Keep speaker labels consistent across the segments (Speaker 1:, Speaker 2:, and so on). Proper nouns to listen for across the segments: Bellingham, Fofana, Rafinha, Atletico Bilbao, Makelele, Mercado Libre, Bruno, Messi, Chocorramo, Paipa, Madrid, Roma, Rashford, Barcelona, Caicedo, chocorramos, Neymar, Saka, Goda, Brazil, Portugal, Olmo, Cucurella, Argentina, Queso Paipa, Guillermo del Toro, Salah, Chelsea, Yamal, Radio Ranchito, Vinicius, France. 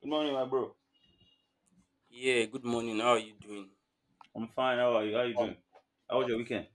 Speaker 1: Good morning, my bro. I'm fine. How are you? How you doing? How was your weekend?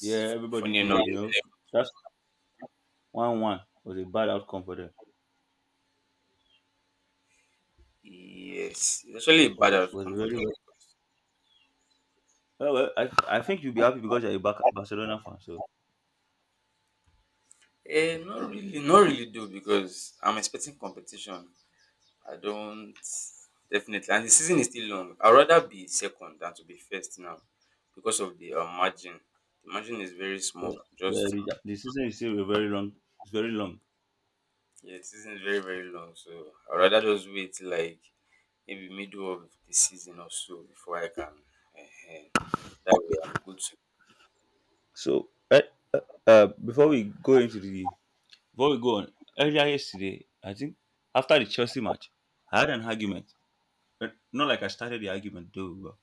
Speaker 1: Yeah, everybody did. That's one was a bad outcome for them. Was very well. Well, I think you'll be happy because you're a Barcelona fan. So yeah, yeah, the season is still very long. It's very long. So uh, before we go into the Before we go on earlier yesterday, I think after the Chelsea match, I had an argument. But not like I started the argument though.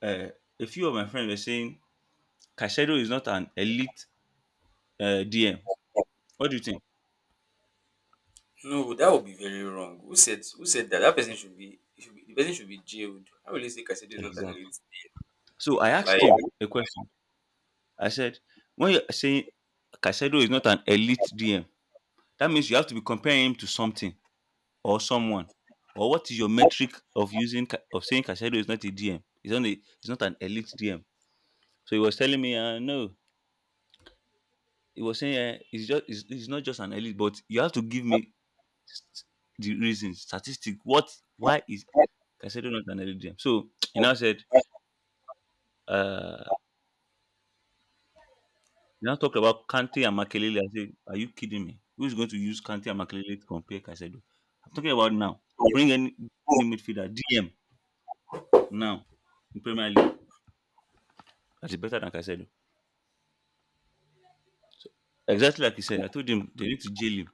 Speaker 1: But, uh, a few of my friends were saying Caicedo is not an elite DM. What do you think? Exactly. So I asked him a question. I said, when you're saying Caicedo is not an elite DM, that means you have to be comparing him to something or someone. Or what is your metric of saying Caicedo is not a DM? He's not an elite DM. So he was telling me, no, he was saying he's he's not just an elite, but you have to give me st- the reason, statistic. What? Why is Caicedo not an elite DM? So he now said Uh, you now talk about Kante and Makelele. I say, are you kidding me? Who's going to use Kante and Makelele to compare Caicedo? I'm talking about now. Bring any midfielder, DM, now in Premier League. That is better than Caicedo. So, exactly like he said, I told him they need to jail him.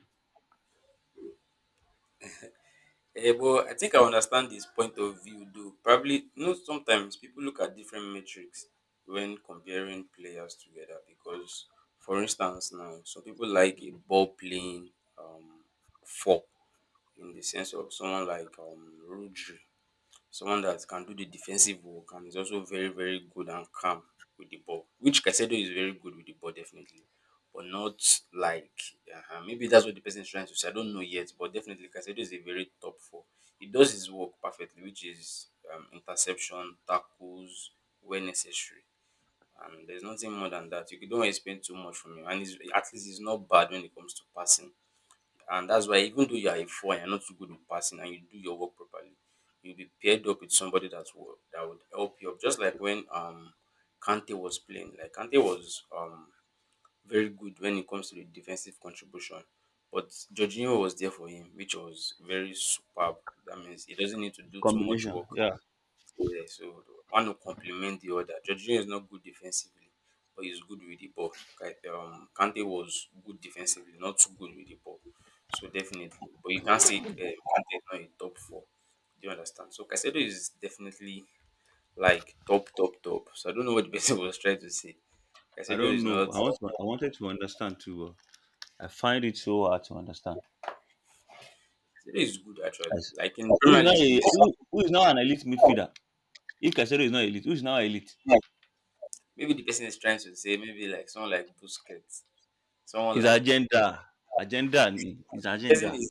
Speaker 1: Combination. Yeah. I don't know. I wanted to understand too. I find it so hard to understand. As, who is now a, Who is now an elite midfielder? If Caicedo is not elite, who is now elite? His agenda. Agenda. His agenda.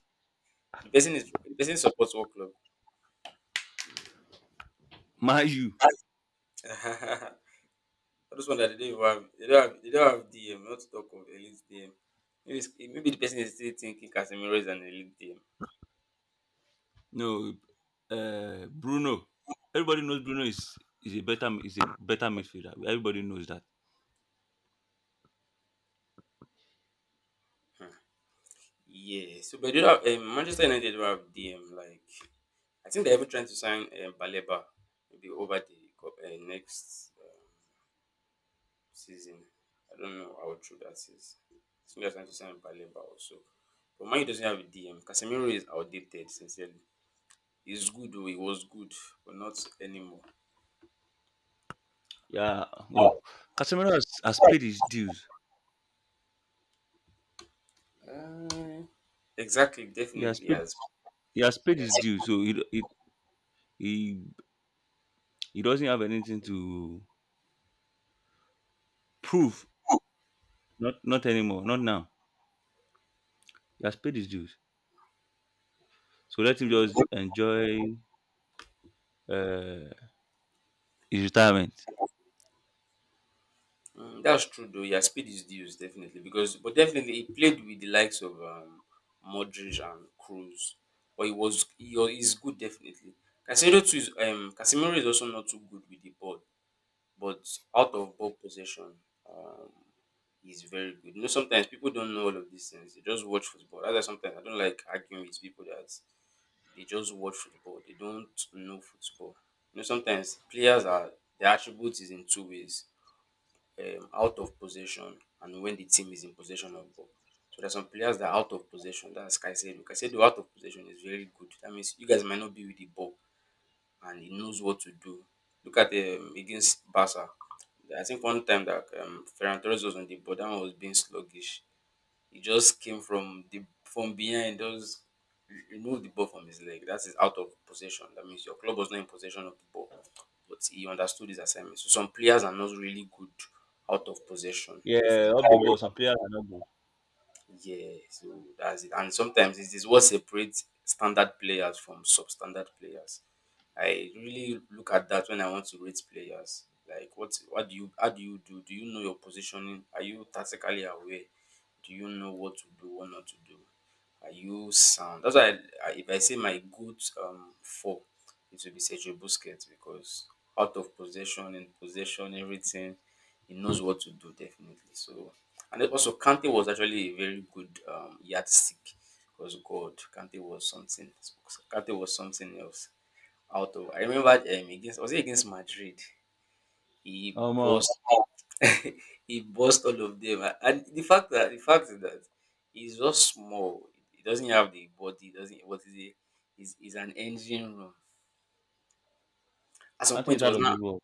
Speaker 1: Mind you. No, Bruno. Everybody knows Bruno is a better midfielder. Everybody knows that. Yeah. Well, has paid his dues. He has paid he has paid his dues. So he, he doesn't have anything to prove. Not anymore. Not now. He has paid his dues. So let him just enjoy uh, his retirement. Yeah, up the ball. Some players are not good. Um, uh, I think it's out of the ball.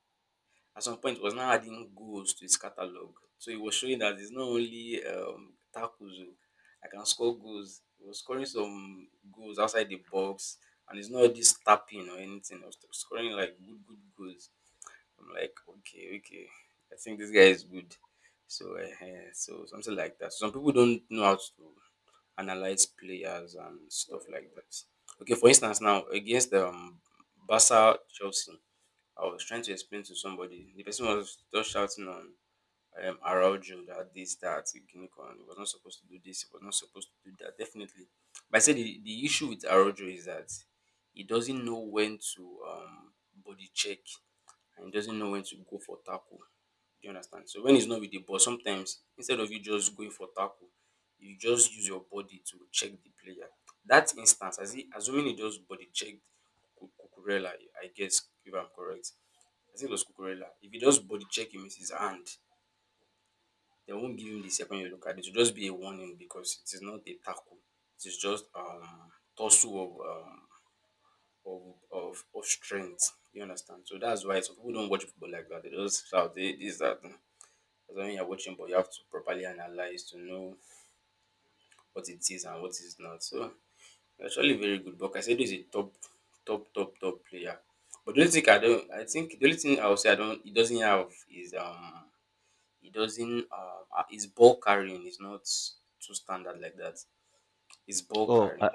Speaker 1: Oh,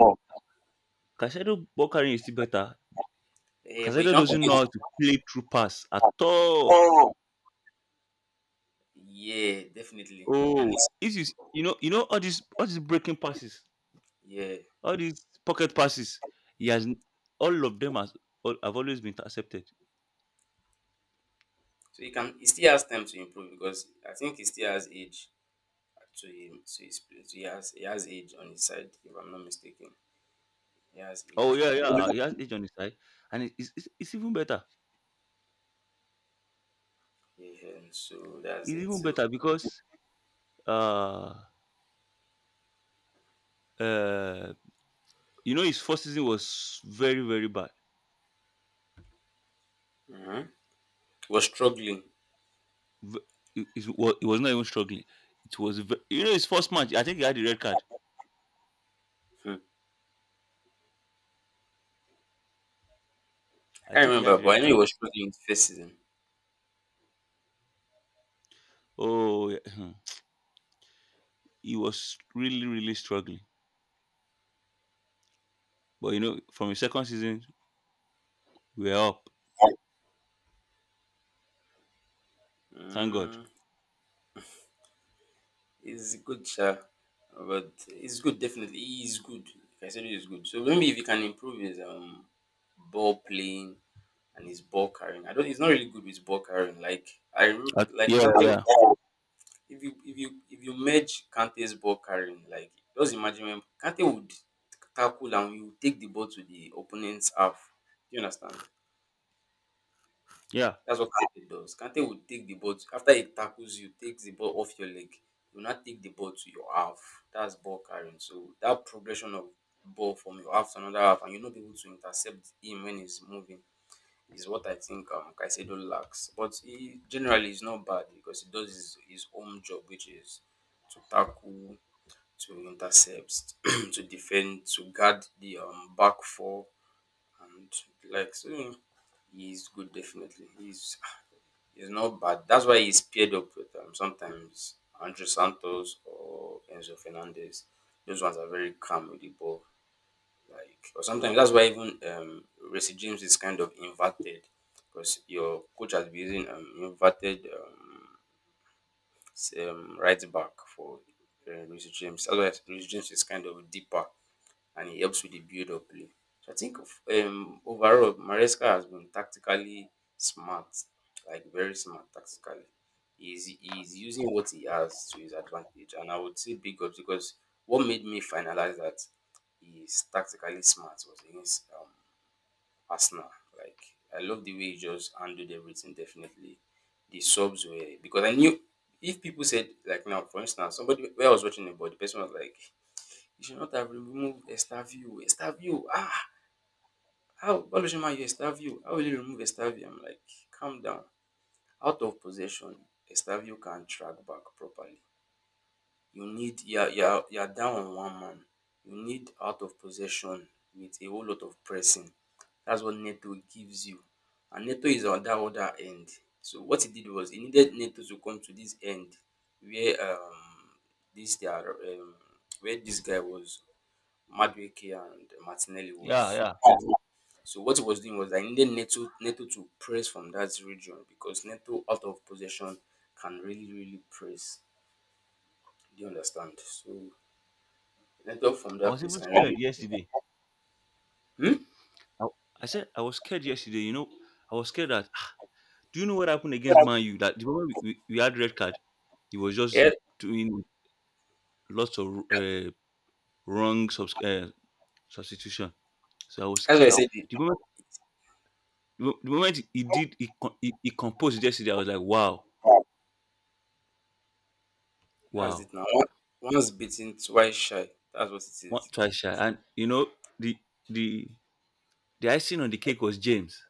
Speaker 1: Casado Bokarin is still better. Caicedo doesn't know how to play through pass at all.
Speaker 2: Oh,
Speaker 1: Oh, if you you know all these breaking passes, all these pocket passes, he has all of them has all, have always been intercepted. Oh yeah, yeah,
Speaker 2: oh.
Speaker 1: he has age on his side, and it's, it's even better. It's even better because uh uh you know his first season was very very bad. V- It, it was not even struggling. You know his first match. I think he had the red card. I think he had the red card. Oh, yeah. Hmm. He was really, really struggling. But you know, from his second season, we are up. Thank God. Uh, yeah, yeah, yeah, yeah. I was even scared yesterday. I, I said I was scared yesterday. You know, I was scared that. "Ah, do you know what happened against Man U? That the moment we had red card, he was just doing lots of wrong substitution. So I was scared. The moment the moment he did, he, con- he composed yesterday. I was like, wow, wow. One twice shy. And you know, the the the icing on the cake was James.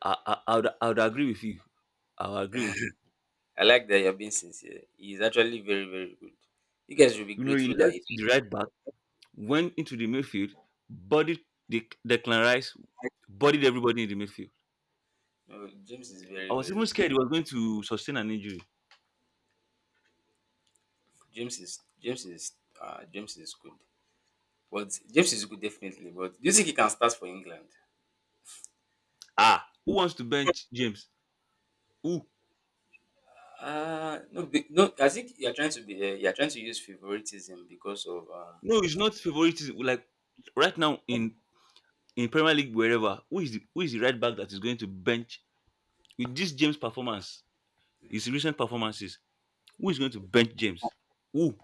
Speaker 1: I would agree with you. I would agree with you. You know, he left the right back, went into the midfield, bodied the Declan Rice, bodied everybody in the midfield. I was even scared he was going to sustain an injury. Ah, who wants to bench James? Who? No, it's not favoritism. Like right now in Premier League, wherever, who is the right back that is going to bench with this James performance, his recent performances? Who is going to bench James? Who?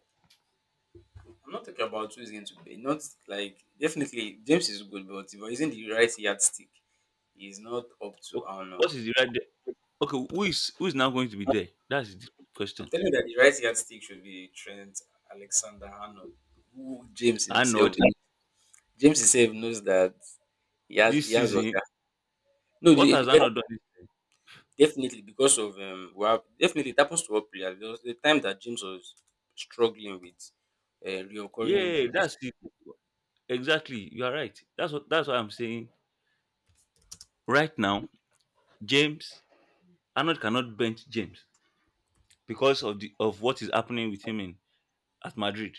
Speaker 1: Wh- What is the right? de- Okay, who is now going to be there? That's the question. Arnold, this season, what has Arnold done? Yeah, that's it. Exactly. You are right. That's what I'm saying. Right now, James Arnold cannot bench James because of the of what is happening with him in at Madrid.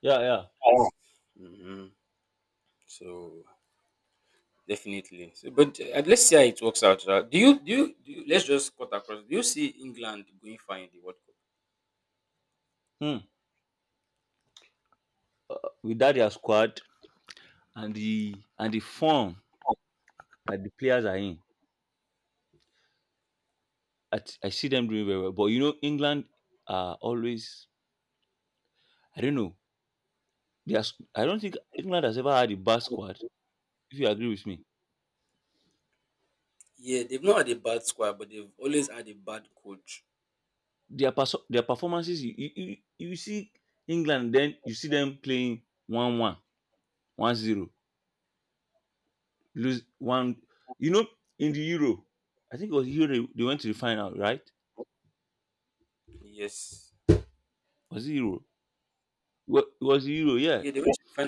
Speaker 1: Yeah, yeah. Hmm. With that their squad and the form that the players are in, I see them doing very well. But you know, England are always I don't know. They are, I don't think England has ever had a bad squad. If you agree with me, their performances. You see England, then you see them playing one one, 1-0, lose one. You know, in the Euro, I think it was Euro. They went to the final, right? Was it Euro? It was Euro, yeah.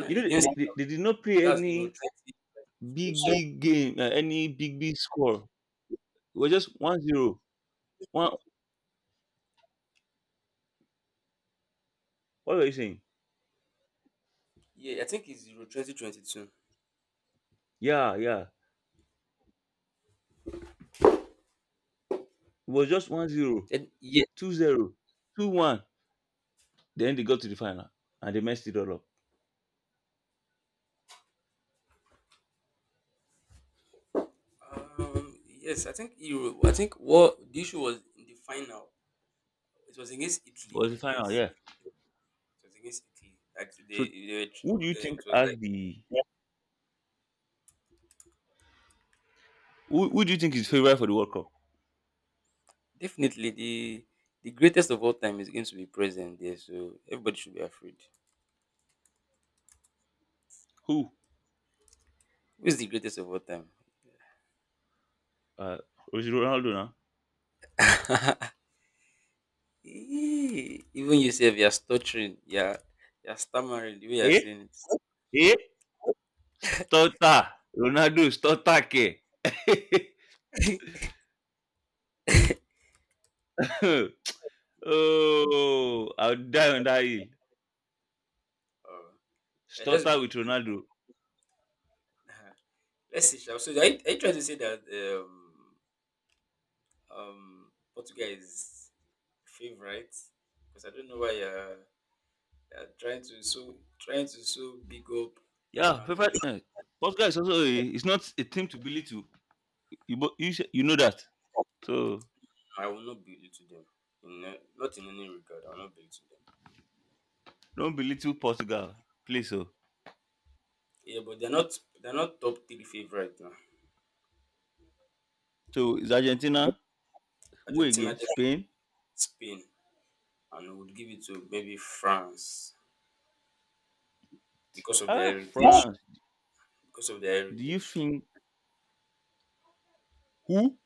Speaker 1: You know, they did not play any big big game, any big big score. It was just 1-0. One, what were you saying? Yeah, yeah. It was just 1-0. 2-0, 2-1. Then they got to the final and they messed it all up. It was the final, yeah. So who do you think has the who do you think is favorite for the World Cup? Who? Uh is it Ronaldo now? Eh? Eh? Stota. Ronaldo Stota ke. oh I'll die on that hill. Stota with Ronaldo. Yeah, favorite eh, Portugal is also a, it's not a team to belittle. You bo- you, sh- You know that. So don't belittle Portugal. Please oh. So it's Argentina. Who again? Spain. Ah, France. Do you think who?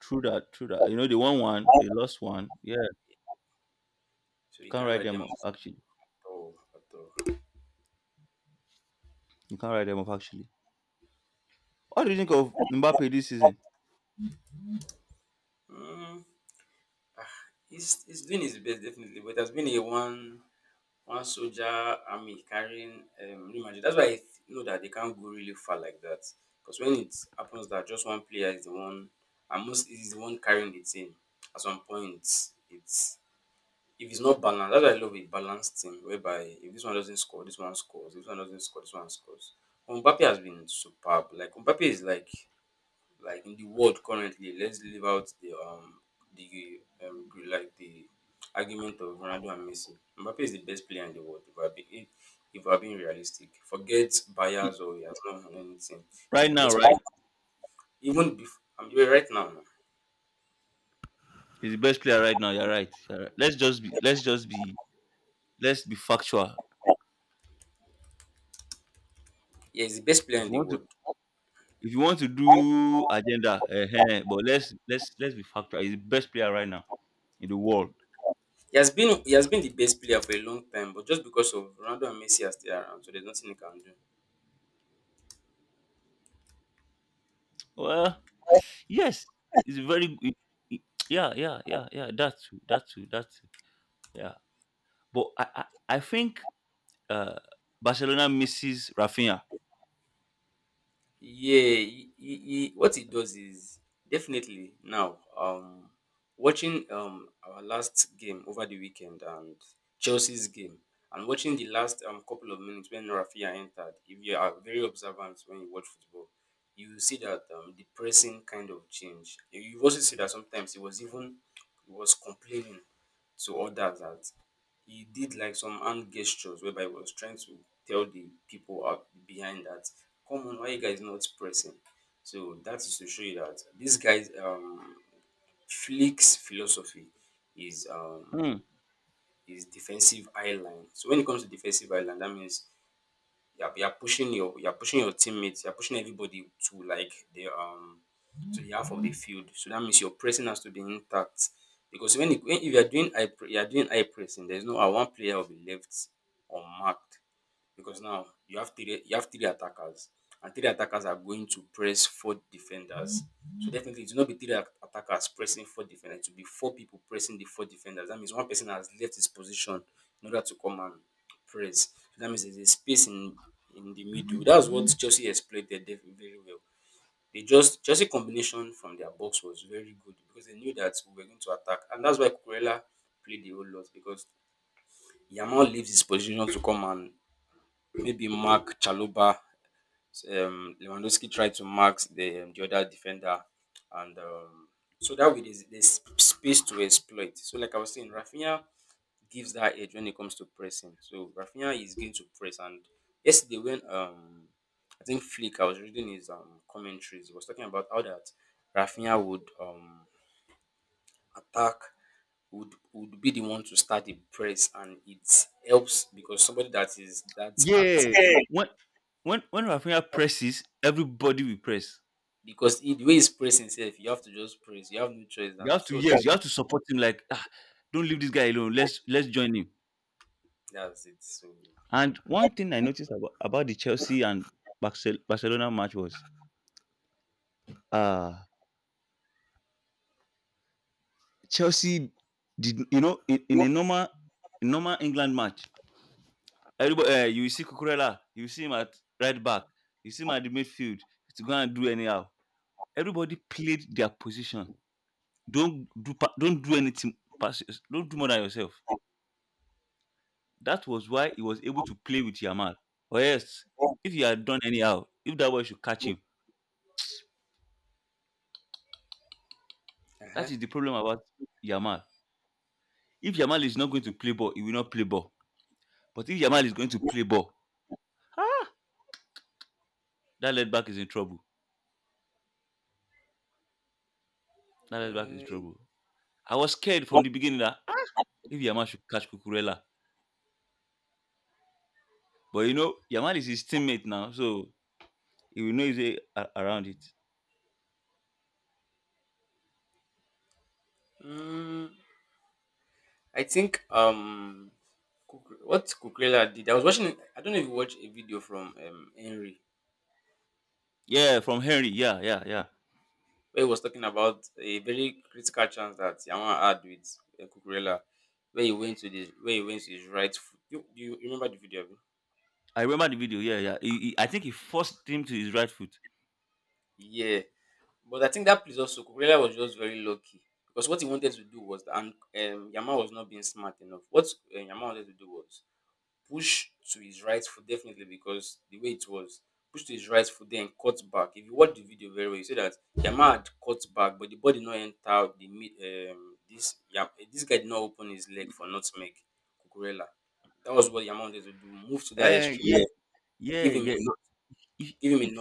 Speaker 1: True that, true that. You know, they won one, they lost one. Yeah, you can't write them off, actually. You can't write them off, actually. What do you think of Mbappe this season? He- Right now, right? He's the best player right now. You're right. You're right. Let's be factual. If you want to if you want to do agenda, but let's be factual. He's the best player right now in the world. Well, yes, it's very g- I- yeah, yeah, yeah, yeah. That too, that too, that too. Yeah, but I think uh, Barcelona misses Rafinha. Hmm. Yeah,
Speaker 2: Okay.
Speaker 1: when when Rafinha presses, everybody will press. You have to yes, you have to support him. Like ah, don't leave this guy alone. Let's join him. And one thing I noticed about the Chelsea and Barcelona match was uh Chelsea did you know in a normal England match Everybody, eh, you will see Cucurella, you will see him at right back, you see him at the midfield to go and do anyhow. Everybody played their position. Don't do anything pass don't do more than yourself. That was why he was able to play with Yamal. Or else, if he had done anyhow, if that boy should catch him, that is the problem about Yamal. If Yamal is not going to play ball, he will not play ball. But if Yamal is going to play ball, that left back is in trouble. That left back is in trouble. I was scared from the beginning that ah, if Yamal should catch Cucurella, but you know, Yamal is his teammate now, so he will know his way around it. Yeah, from Henry. Yeah, yeah, yeah. I remember the video. Yeah, yeah. I think he forced him to his right foot. Uh, yeah, yeah. But if, if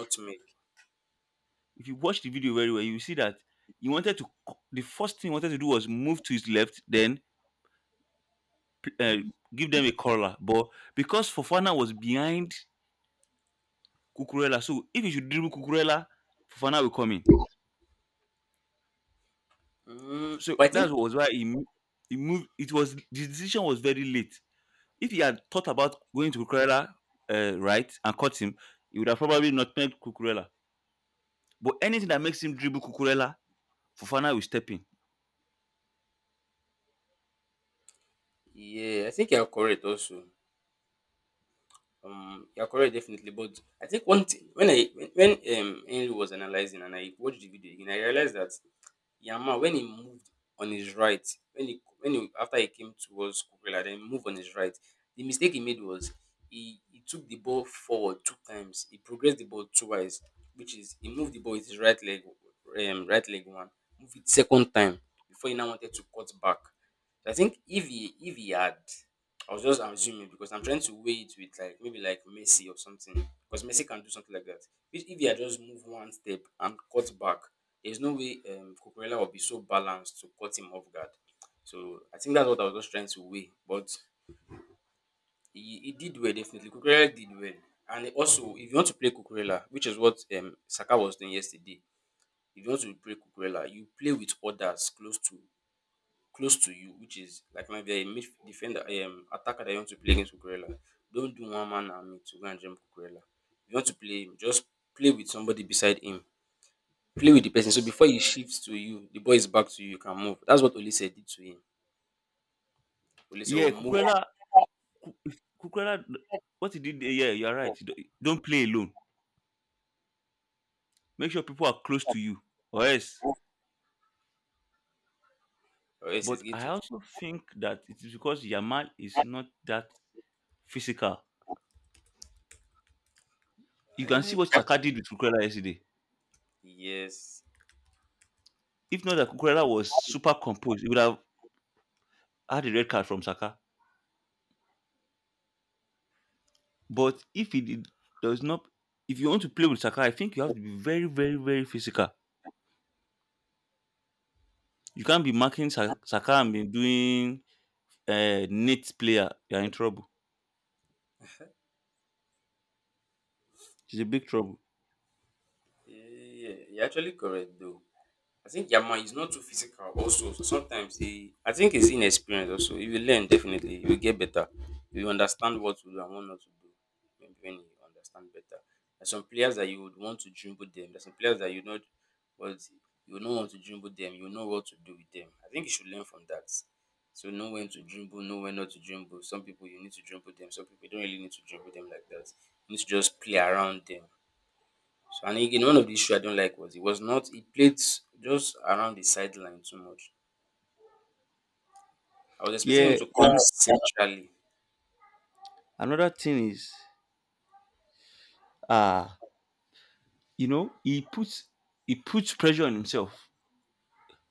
Speaker 1: if you watch the video very well, you will see that he wanted to. C- The first thing he wanted to do was move to his left, then uh, give them a corner. But because Fofana was behind Kukurela, so if he should dribble Kukurela, Fofana will come in. So that was why he moved. It was the decision was very late. If he had thought about going to Cucurella right and cut him, he would have probably not played Cucurella. But anything that makes him dribble Cucurella, Fofana will step in. Yeah, if Cucurella, what he did. There, Yeah, you are right. Don't play alone. Make sure people are close to you, or else. But I also think that it is because Yamal is not that physical. You can see what Saka did with Cucurella yesterday. If not that Cucurella was super composed, he would have had a red card from Saka. But if he did, does not, if you want to play with Saka, I think you have to be very, very, very physical. You can't be marking Saka and be doing a net player. You're in trouble. It's a big trouble. Yeah, and another thing is, uh, you know, he puts he puts pressure on himself.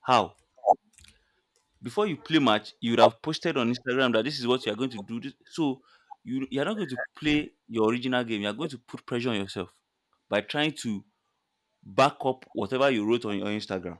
Speaker 1: How? Before you play match, you would have posted on Instagram that this is what you are going to do. So you are not going to play your original game. You are going to put pressure on yourself by trying to back up whatever you wrote on your Instagram.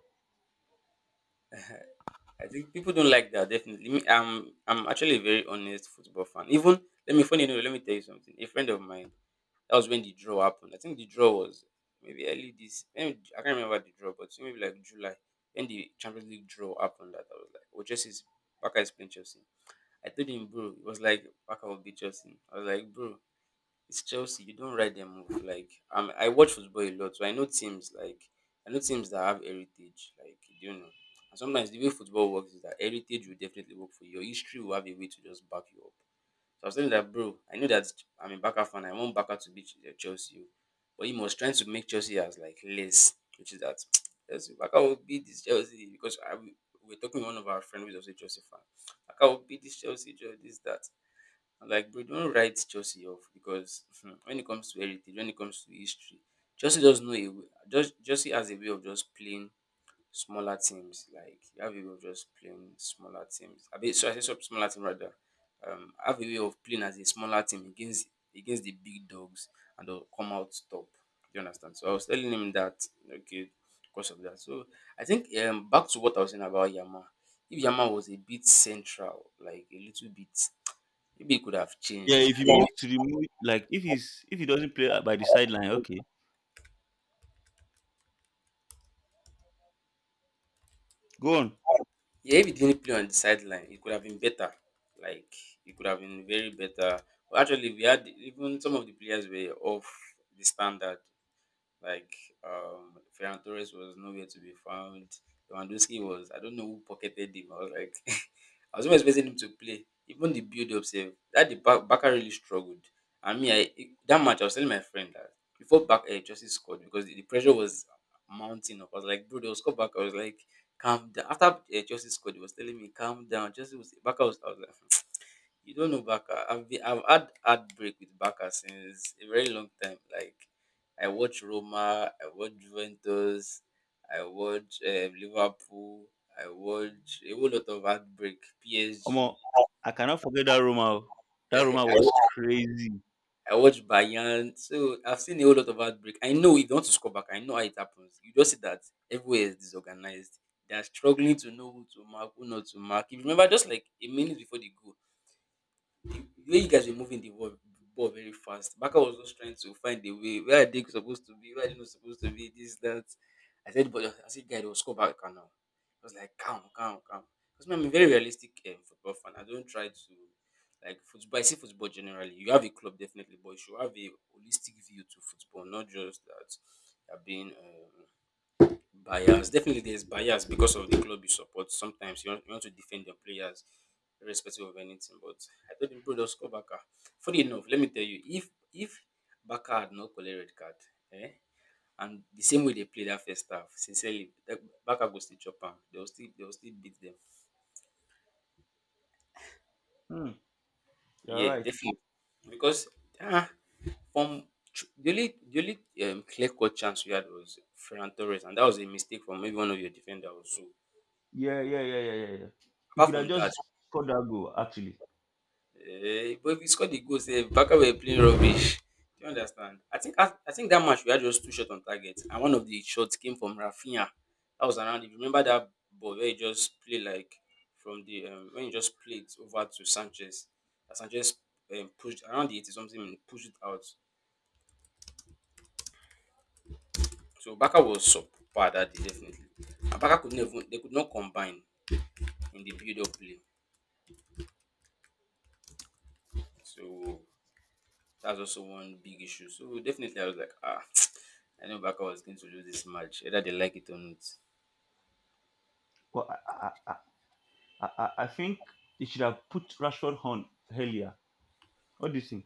Speaker 1: Yeah, if you move to the move, like if he doesn't play by the sideline, okay, go on. Omo, I cannot forget that Roma. O. That Roma was crazy. Hmm, you're right. Yeah, yeah, yeah, yeah, yeah, yeah. You could have just scored that goal actually. But I think they should have put Rashford on earlier. What do you think?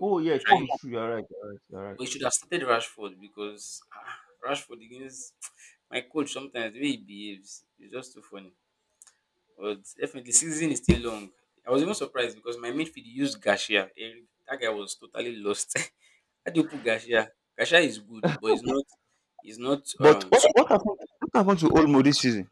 Speaker 1: Oh yeah, true, true. You're right. You're right. You're right. But what happened? What happened to Olmo this season?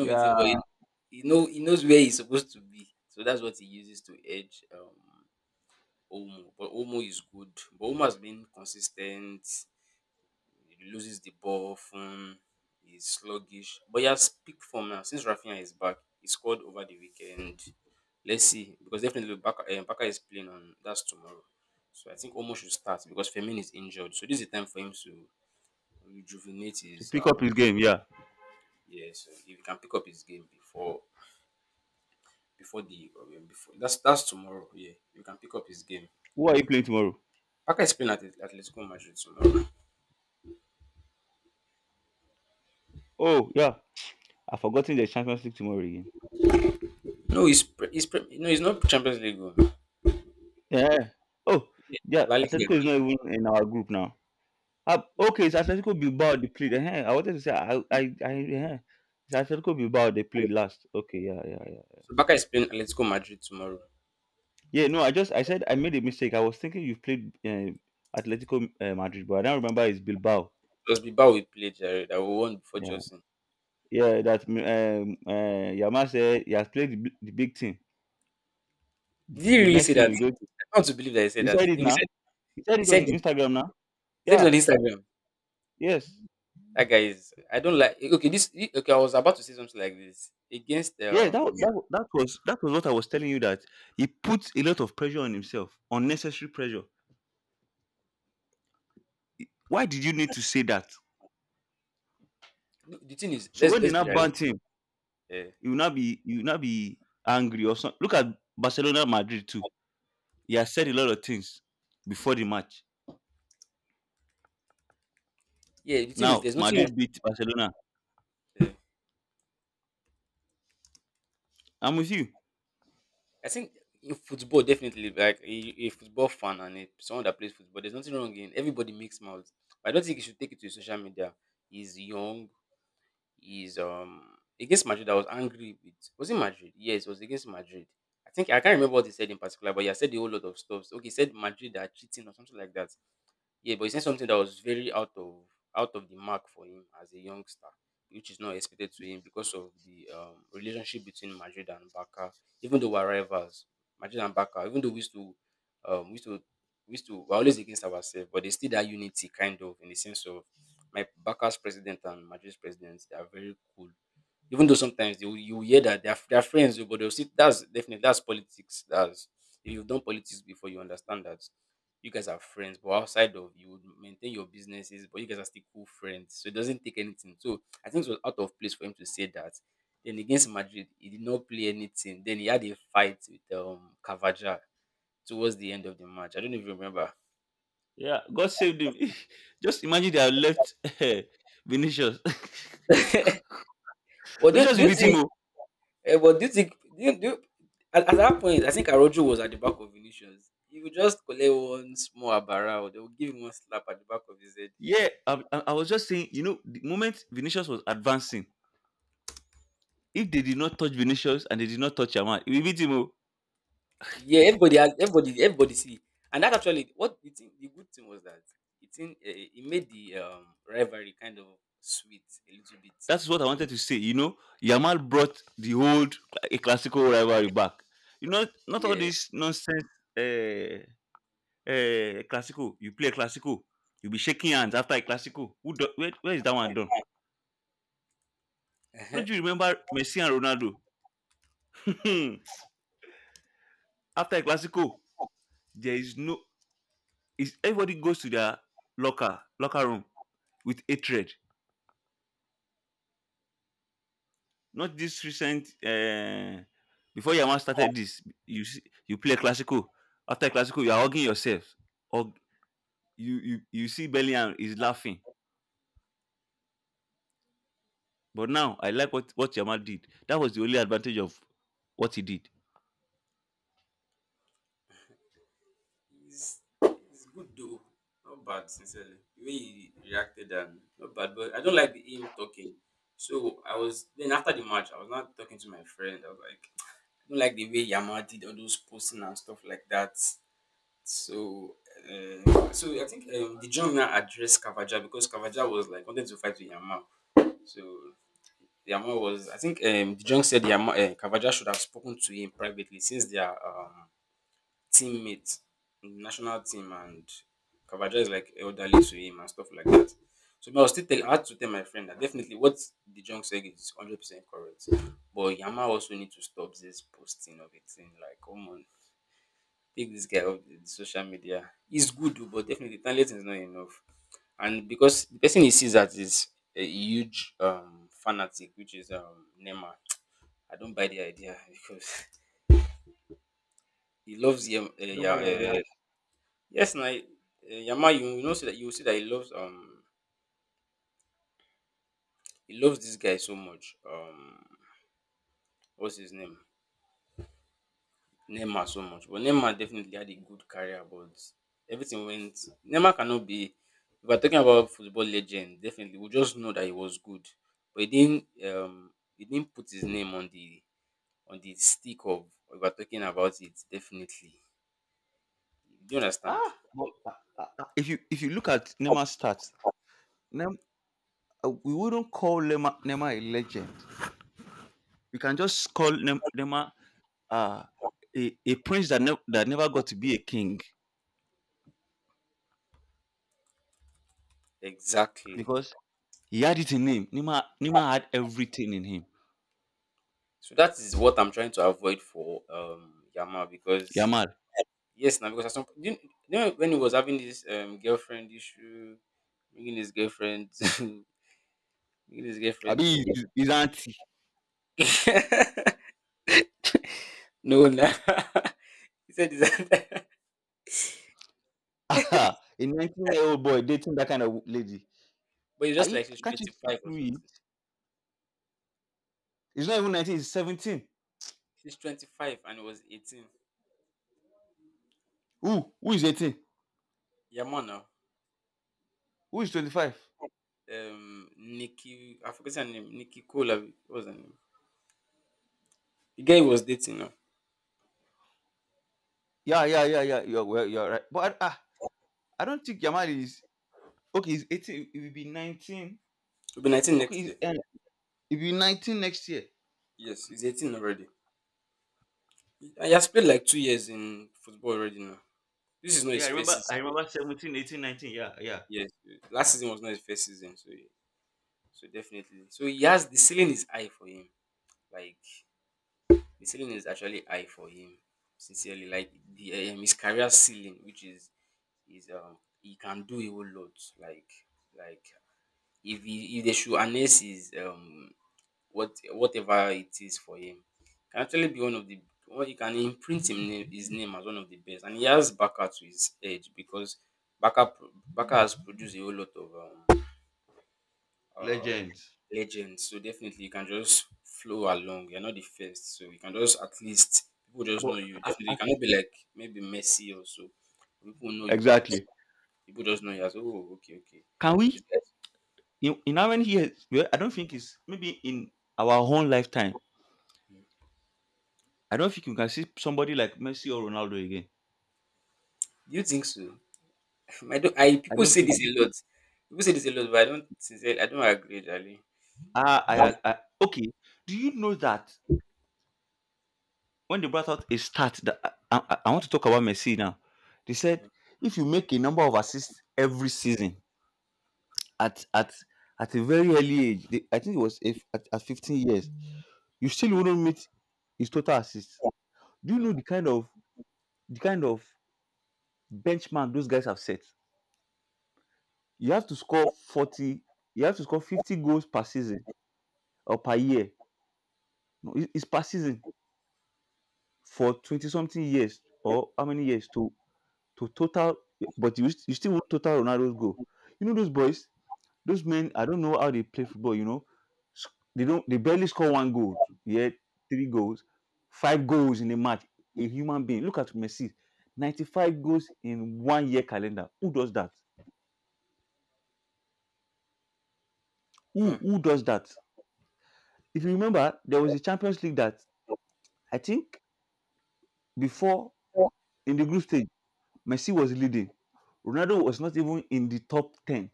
Speaker 1: Yeah. To pick up his game, yeah. Who are you playing tomorrow? Oh yeah, I've forgotten the Champions League tomorrow again. Yeah. Oh yeah, Atletico is not even in our group now. Okay, it's Atletico Bilbao they played. I wanted to say I it's Atletico Bilbao they played last. Okay, yeah, yeah, yeah. Yeah, no, I said I made a mistake. I was thinking you've played Atletico Madrid, but I don't remember it's Bilbao. Yeah, yeah, that Yama said he has played the big team. The next team is going. To, he said it now. He said it on Instagram now. Yeah, yes, yeah. That was what I was telling you that he puts a lot of pressure on himself, unnecessary pressure. Why did you need to say that? So when they now ban him, you will not be angry or something. Look at Barcelona, Madrid too. He has said a lot of things before the match. Now Madrid beat Barcelona. I'm with you. Yeah, God saved him. Just imagine they have left Vinicius. Vinicius will beat him. Oh. Yeah, I was just saying, you know, the moment Vinicius was advancing, if they did not touch Vinicius and they did not touch Yamal, we beat him. Oh. That's what I wanted to say. You know, Yamal brought the old a classical rivalry back. You know, not all this nonsense. Uh, classical, you play a classical, you be shaking hands after a classical. Who do, where is that one done? Don't you remember Messi and Ronaldo? After a classical, there is no, is, everybody goes to their locker room with hatred. Not this recent, before Yama started this, you see, you play a classical, after a classical you are hugging yourself, hug. You see Bellingham is laughing. But now I like what Yama did. That was the only advantage of what he did. You don't mind the idea? Ah, if you look at Neymar's stats, Nem, we wouldn't call Neymar a legend. We can just call Neymar uh, a prince that that never got to be a king because he had it in him. Neymar had everything in him. Yamal, I mean his auntie, a 19-year-old boy dating that kind of lady. Are you, can't you see through it? He's not even 19. He's 17. Who is 18? Who is 25? Yeah, yeah, yeah, yeah. You're right. But ah, I don't think Yamal is okay. He's 18. He will be 19. Okay, he will be 19 next year. Yeah, I remember. I remember 17, 18, 19. Yeah, yeah. Legends. But exactly. Can we in how many years? Well, I don't think it's, maybe in our own lifetime, I don't think you can see somebody like Messi or Ronaldo again. I don't think. Ah, I okay. Do you know that when they brought out a stat that I want to talk about Messi now? They said if you make a number of assists every season, at at at a very early age, the, I think it was if, at 15 years, you still wouldn't meet his total assists. Do you know the kind of benchmark those guys have set? You have to score 40, you have to score 50 goals per season or per year. No, it's per season for 20 something years or how many years to total, but you still won't total Ronaldo's goal. You know those boys, those men, I don't know how they play football. You know, S- they don't. They barely score one goal. Yet three goals, five goals in a match. A human being. Look at Messi, 95 goals in one year calendar. Who does that? Who does that? If you remember, there was a Champions League that I think before in the group stage, Messi was leading. Ronaldo was not even in the top ten.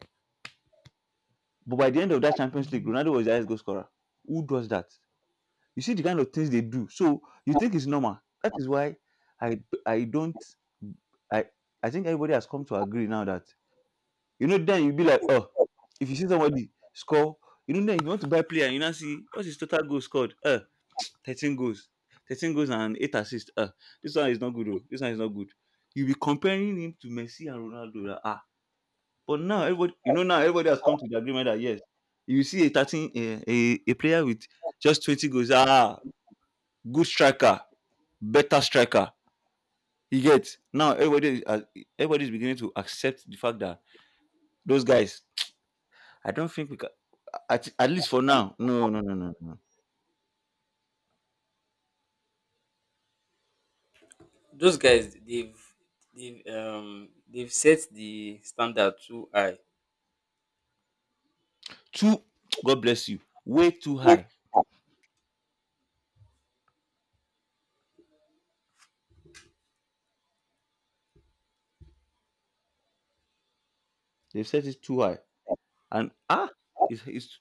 Speaker 1: But by the end of that Champions League, Ronaldo was the highest goal scorer. Who does that? You see the kind of things they do. So you think it's normal. That is why I I don't I I think everybody has come to agree now that you know then you'll be like, oh, if you see somebody score, you know then if you want to buy player, you now see what's his total goals scored? Uh, 13 goals. 13 goals and 8 assists. Uh, this one is not good. Oh. This one is not good. You'll be comparing him to Messi and Ronaldo. Like, ah. But now everybody you know now everybody has come to the agreement that yes, you see a 13 a player with just 20 goals. Ah, good striker, better striker. You get now everybody's beginning to accept the fact that those guys. I don't think we can, at least for now. No, no, no, no, no. Too, God bless you. Way too high. They've set it too high, and ah, it's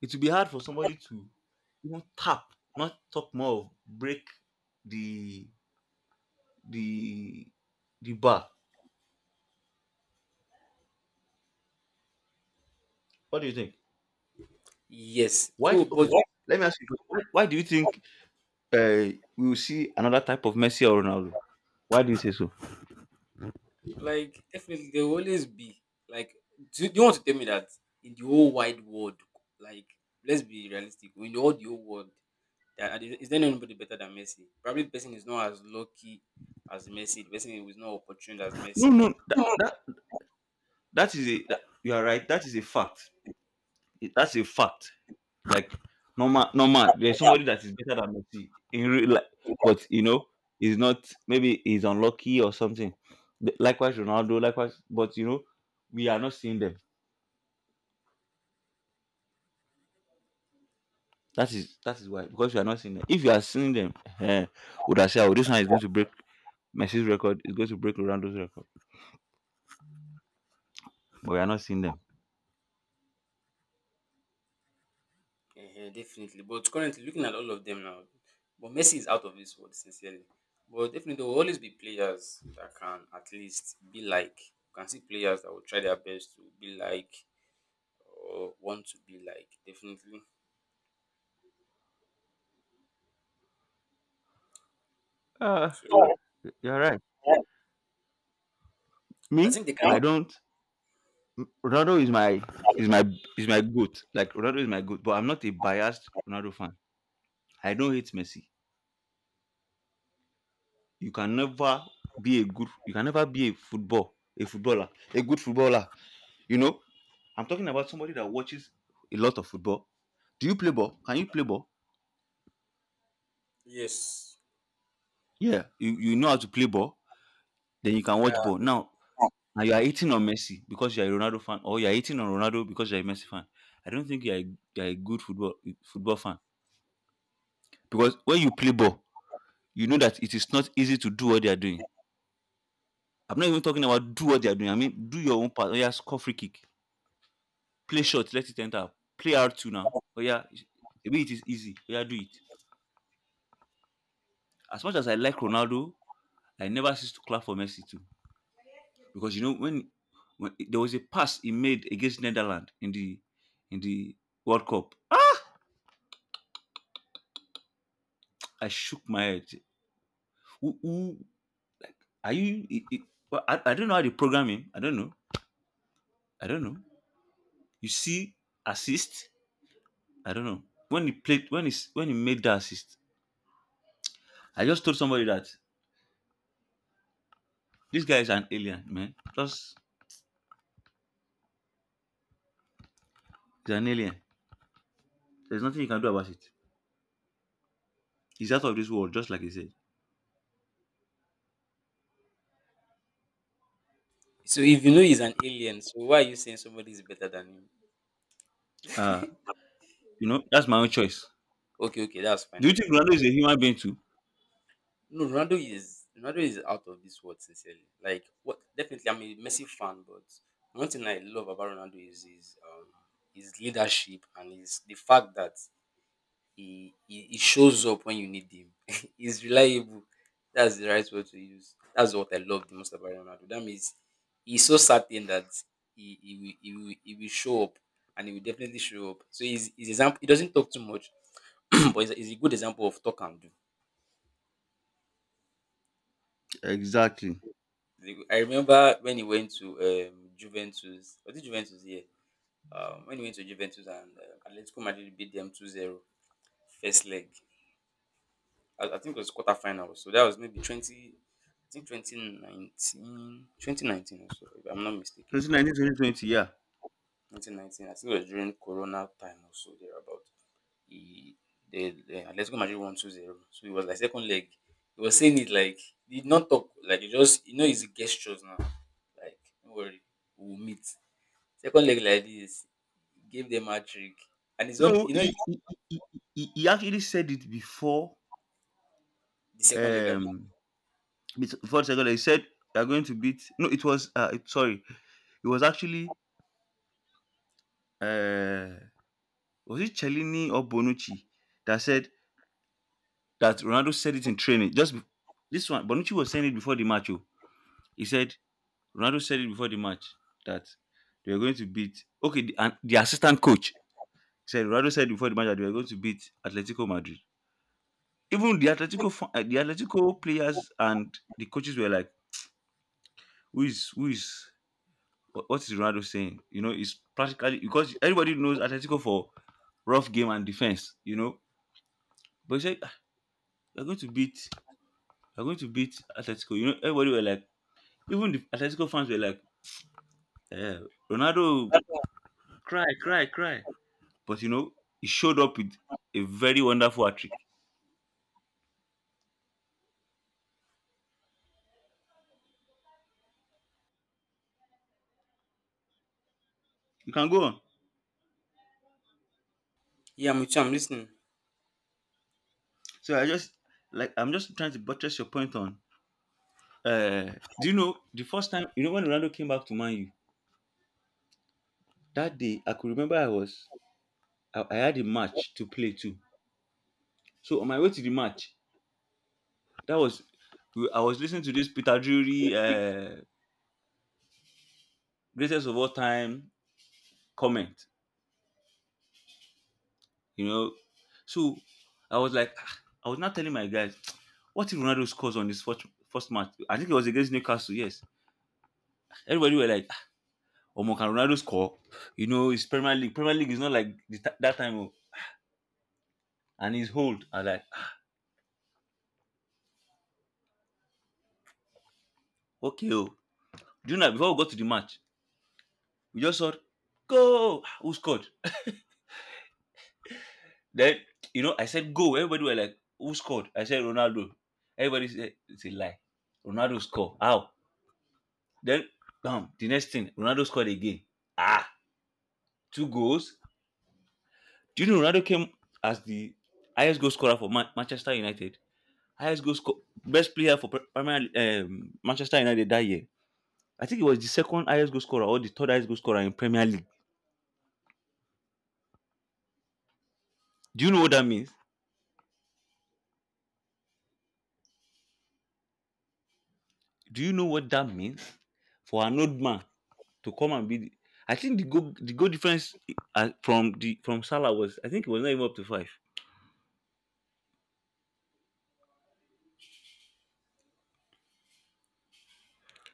Speaker 1: it will be hard for somebody to even tap, not talk more, break the the the bar. What do you think? Okay, let me ask you a question. Why do you think uh, we will see another type of Messi or Ronaldo. Why do you say so? No, no, that that, that is a you are right. That is a fact. That's a fact. Like normal, normal. There's somebody that is better than Messi in real life, but you know he's not. Maybe he's unlucky or something. Likewise, Ronaldo. Likewise, but you know we are not seeing them. That is why because we are not seeing them. If you are seeing them, eh, would I say oh, this one is going to break Messi's record? It's going to break Ronaldo's record, but we are not seeing them. Uh, you're right. Me, I don't. Ronaldo is my is my is my goat. Like Ronaldo is my goat, but I'm not a biased Ronaldo fan. I don't hate Messi. You can never be a good. You can never be a football, a good footballer. You know, I'm talking about somebody that watches a lot of football. Do you play ball? Can you play ball? Yeah, you know how to play ball. Then you can watch ball. Now you are hating on Messi because you are a Ronaldo fan, or you are hating on Ronaldo because you are a Messi fan. I don't think you are you are a good football fan because when you play ball, you know that it is not easy to do what they are doing. I'm not even talking about do what they are doing. I mean, do your own part. Oh, yeah, score free kick, play shot, let it enter. Play R2 now. Oh, yeah, maybe it is easy. Oh, yeah, do it. As much as I like Ronaldo, I never cease to clap for Messi too. Because, you know, when there was a pass he made against Netherlands in the World Cup, ah, I shook my head. Who are you? Well, I don't know how they program him. I don't know. I don't know. You see assist. I don't know. When he made that assist, I just told somebody that this guy is an alien, man. Just he's an alien. There's nothing you can do about it. He's out of this world, just like he said. Uh you know, that's my own choice. Do you think Ronaldo is a human being too? Exactly. Since 1920, yeah. No, he, he actually said it before. Um, before the second leg, he said they are going to beat. No, it was it, sorry, it was actually uh, was it Cellini or Bonucci that said that Ronaldo said it in training. This one, Bonucci was saying it before the match. Oh. He said Ronaldo said it before the match that they were going to beat. Okay, and the assistant coach said Ronaldo said before the match that they were going to beat Atletico Madrid. Even the Atletico players and the coaches were like, "Who is who is what is Ronaldo saying?" It's practically because everybody knows Atletico for rough game and defense. But he said, "Ah, we're going to beat, we're going to beat Atletico." You know, everybody were like Even the Atletico fans were like, eh, Ronaldo, cry, cry, cry. But he showed up with a very wonderful hat trick. You can go on. So I'm just trying to buttress your point on. Uh, do you know the first time when Ronaldo came back to Man U that day? I could remember I had a match to play too. So on my way to the match, that was I was listening to this Peter Drury greatest of all time comment. you know. So I was like, "Ah," I was not telling my guys, what if Ronaldo scores on this first match? I think it was against Newcastle, yes. Everybody were like, oh, can Ronaldo score? It's Premier League. Premier League is not like that time. Oh." And he's hold. I was like, ah, okay, oh. Do you know, before we got to the match, we just saw, go! Ah, who scored? Then, I said, go. Everybody were like, who scored? I said, Ronaldo. Everybody said, it's a lie. Ronaldo score. How? Then, bam, the next thing, Ronaldo scored again. Ah, two goals. Do you know Ronaldo came as the highest goal scorer for Manchester United? Best player for Premier Manchester United that year. I think it was the second highest goal scorer or the third highest goal scorer in Premier League. Do you know what that means? Do you know what that means for an old man to come and be? I think the goal difference from Salah was I think it was not even up to five.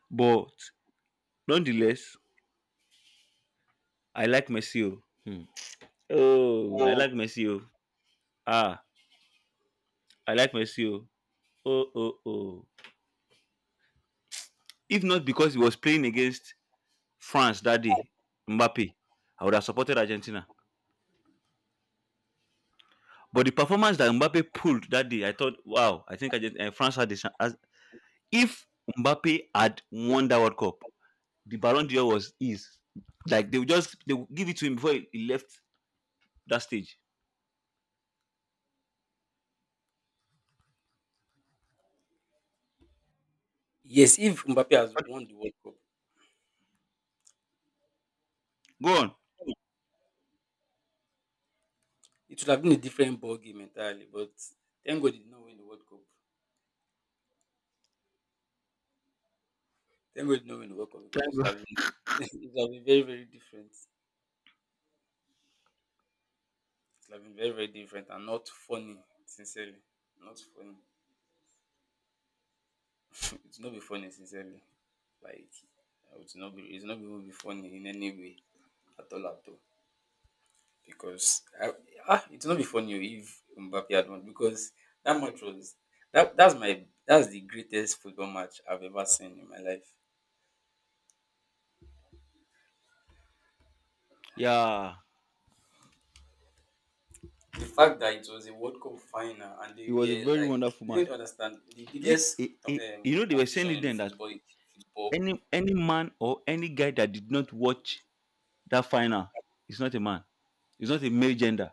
Speaker 1: But nonetheless, I like Messi. Oh. Hmm. Oh, I like Messi. Oh. Ah, I like Messi. Oh. Oh, oh, oh. If not because he was playing against France that day, Mbappe, I would have supported Argentina. But the performance that Mbappe pulled that day, I thought, wow, I think France had this. As, if Mbappe had won that World Cup, the Ballon d'Or was his. Like they would give it to him before he left that stage. Go on. Thank God. Yeah, it was a very wonderful match. You, it, you know, they were saying it then that any man or any guy that did not watch that final is not a man. It's not a male gender.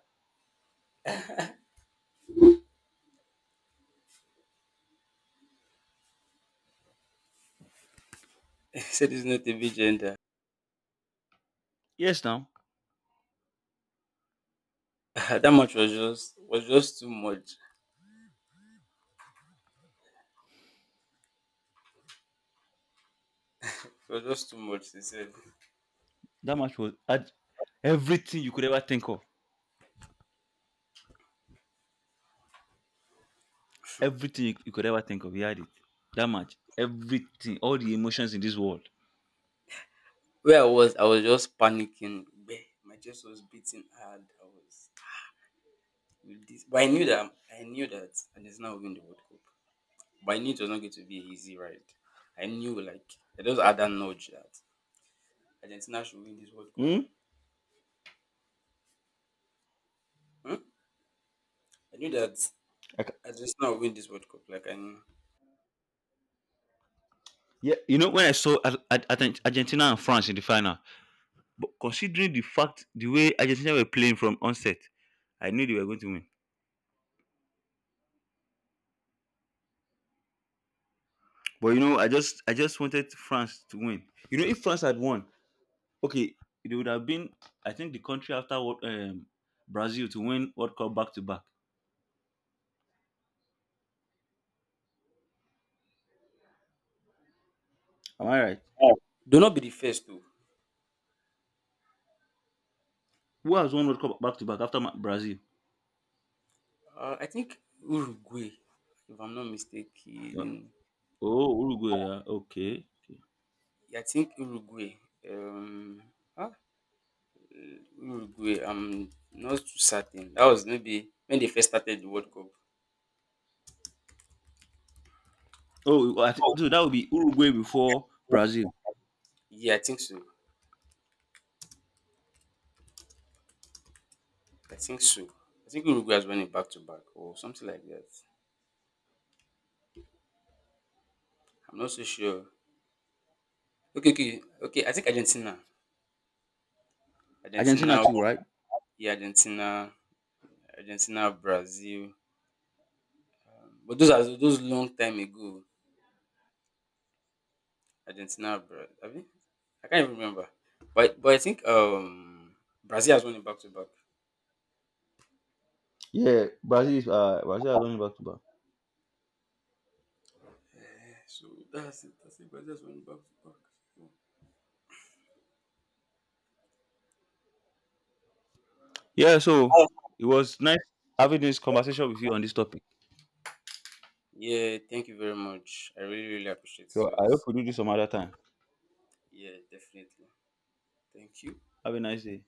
Speaker 1: Yes, now that match was had everything you could ever think of. Everything you could ever think of. He had it. That match. Everything. All the emotions in this world. Hmm? Yeah, you know when I saw Argentina and France in the final, but considering the fact the way Argentina were playing from onset, I knew they were going to win. But I just wanted France to win. If France had won, okay, it would have been, I think, the country after Brazil to win World Cup back to back. Am I right? Who has won World Cup back to back after Brazil? Uh, Oh, Uruguay. Yeah. Okay. Oh, I think, so that would be Uruguay before Brazil. Argentina too, right? Yeah, Brazil has won back to back. Yeah. So it was nice having this conversation with you on this topic. So I hope we do this some other time. Have a nice day.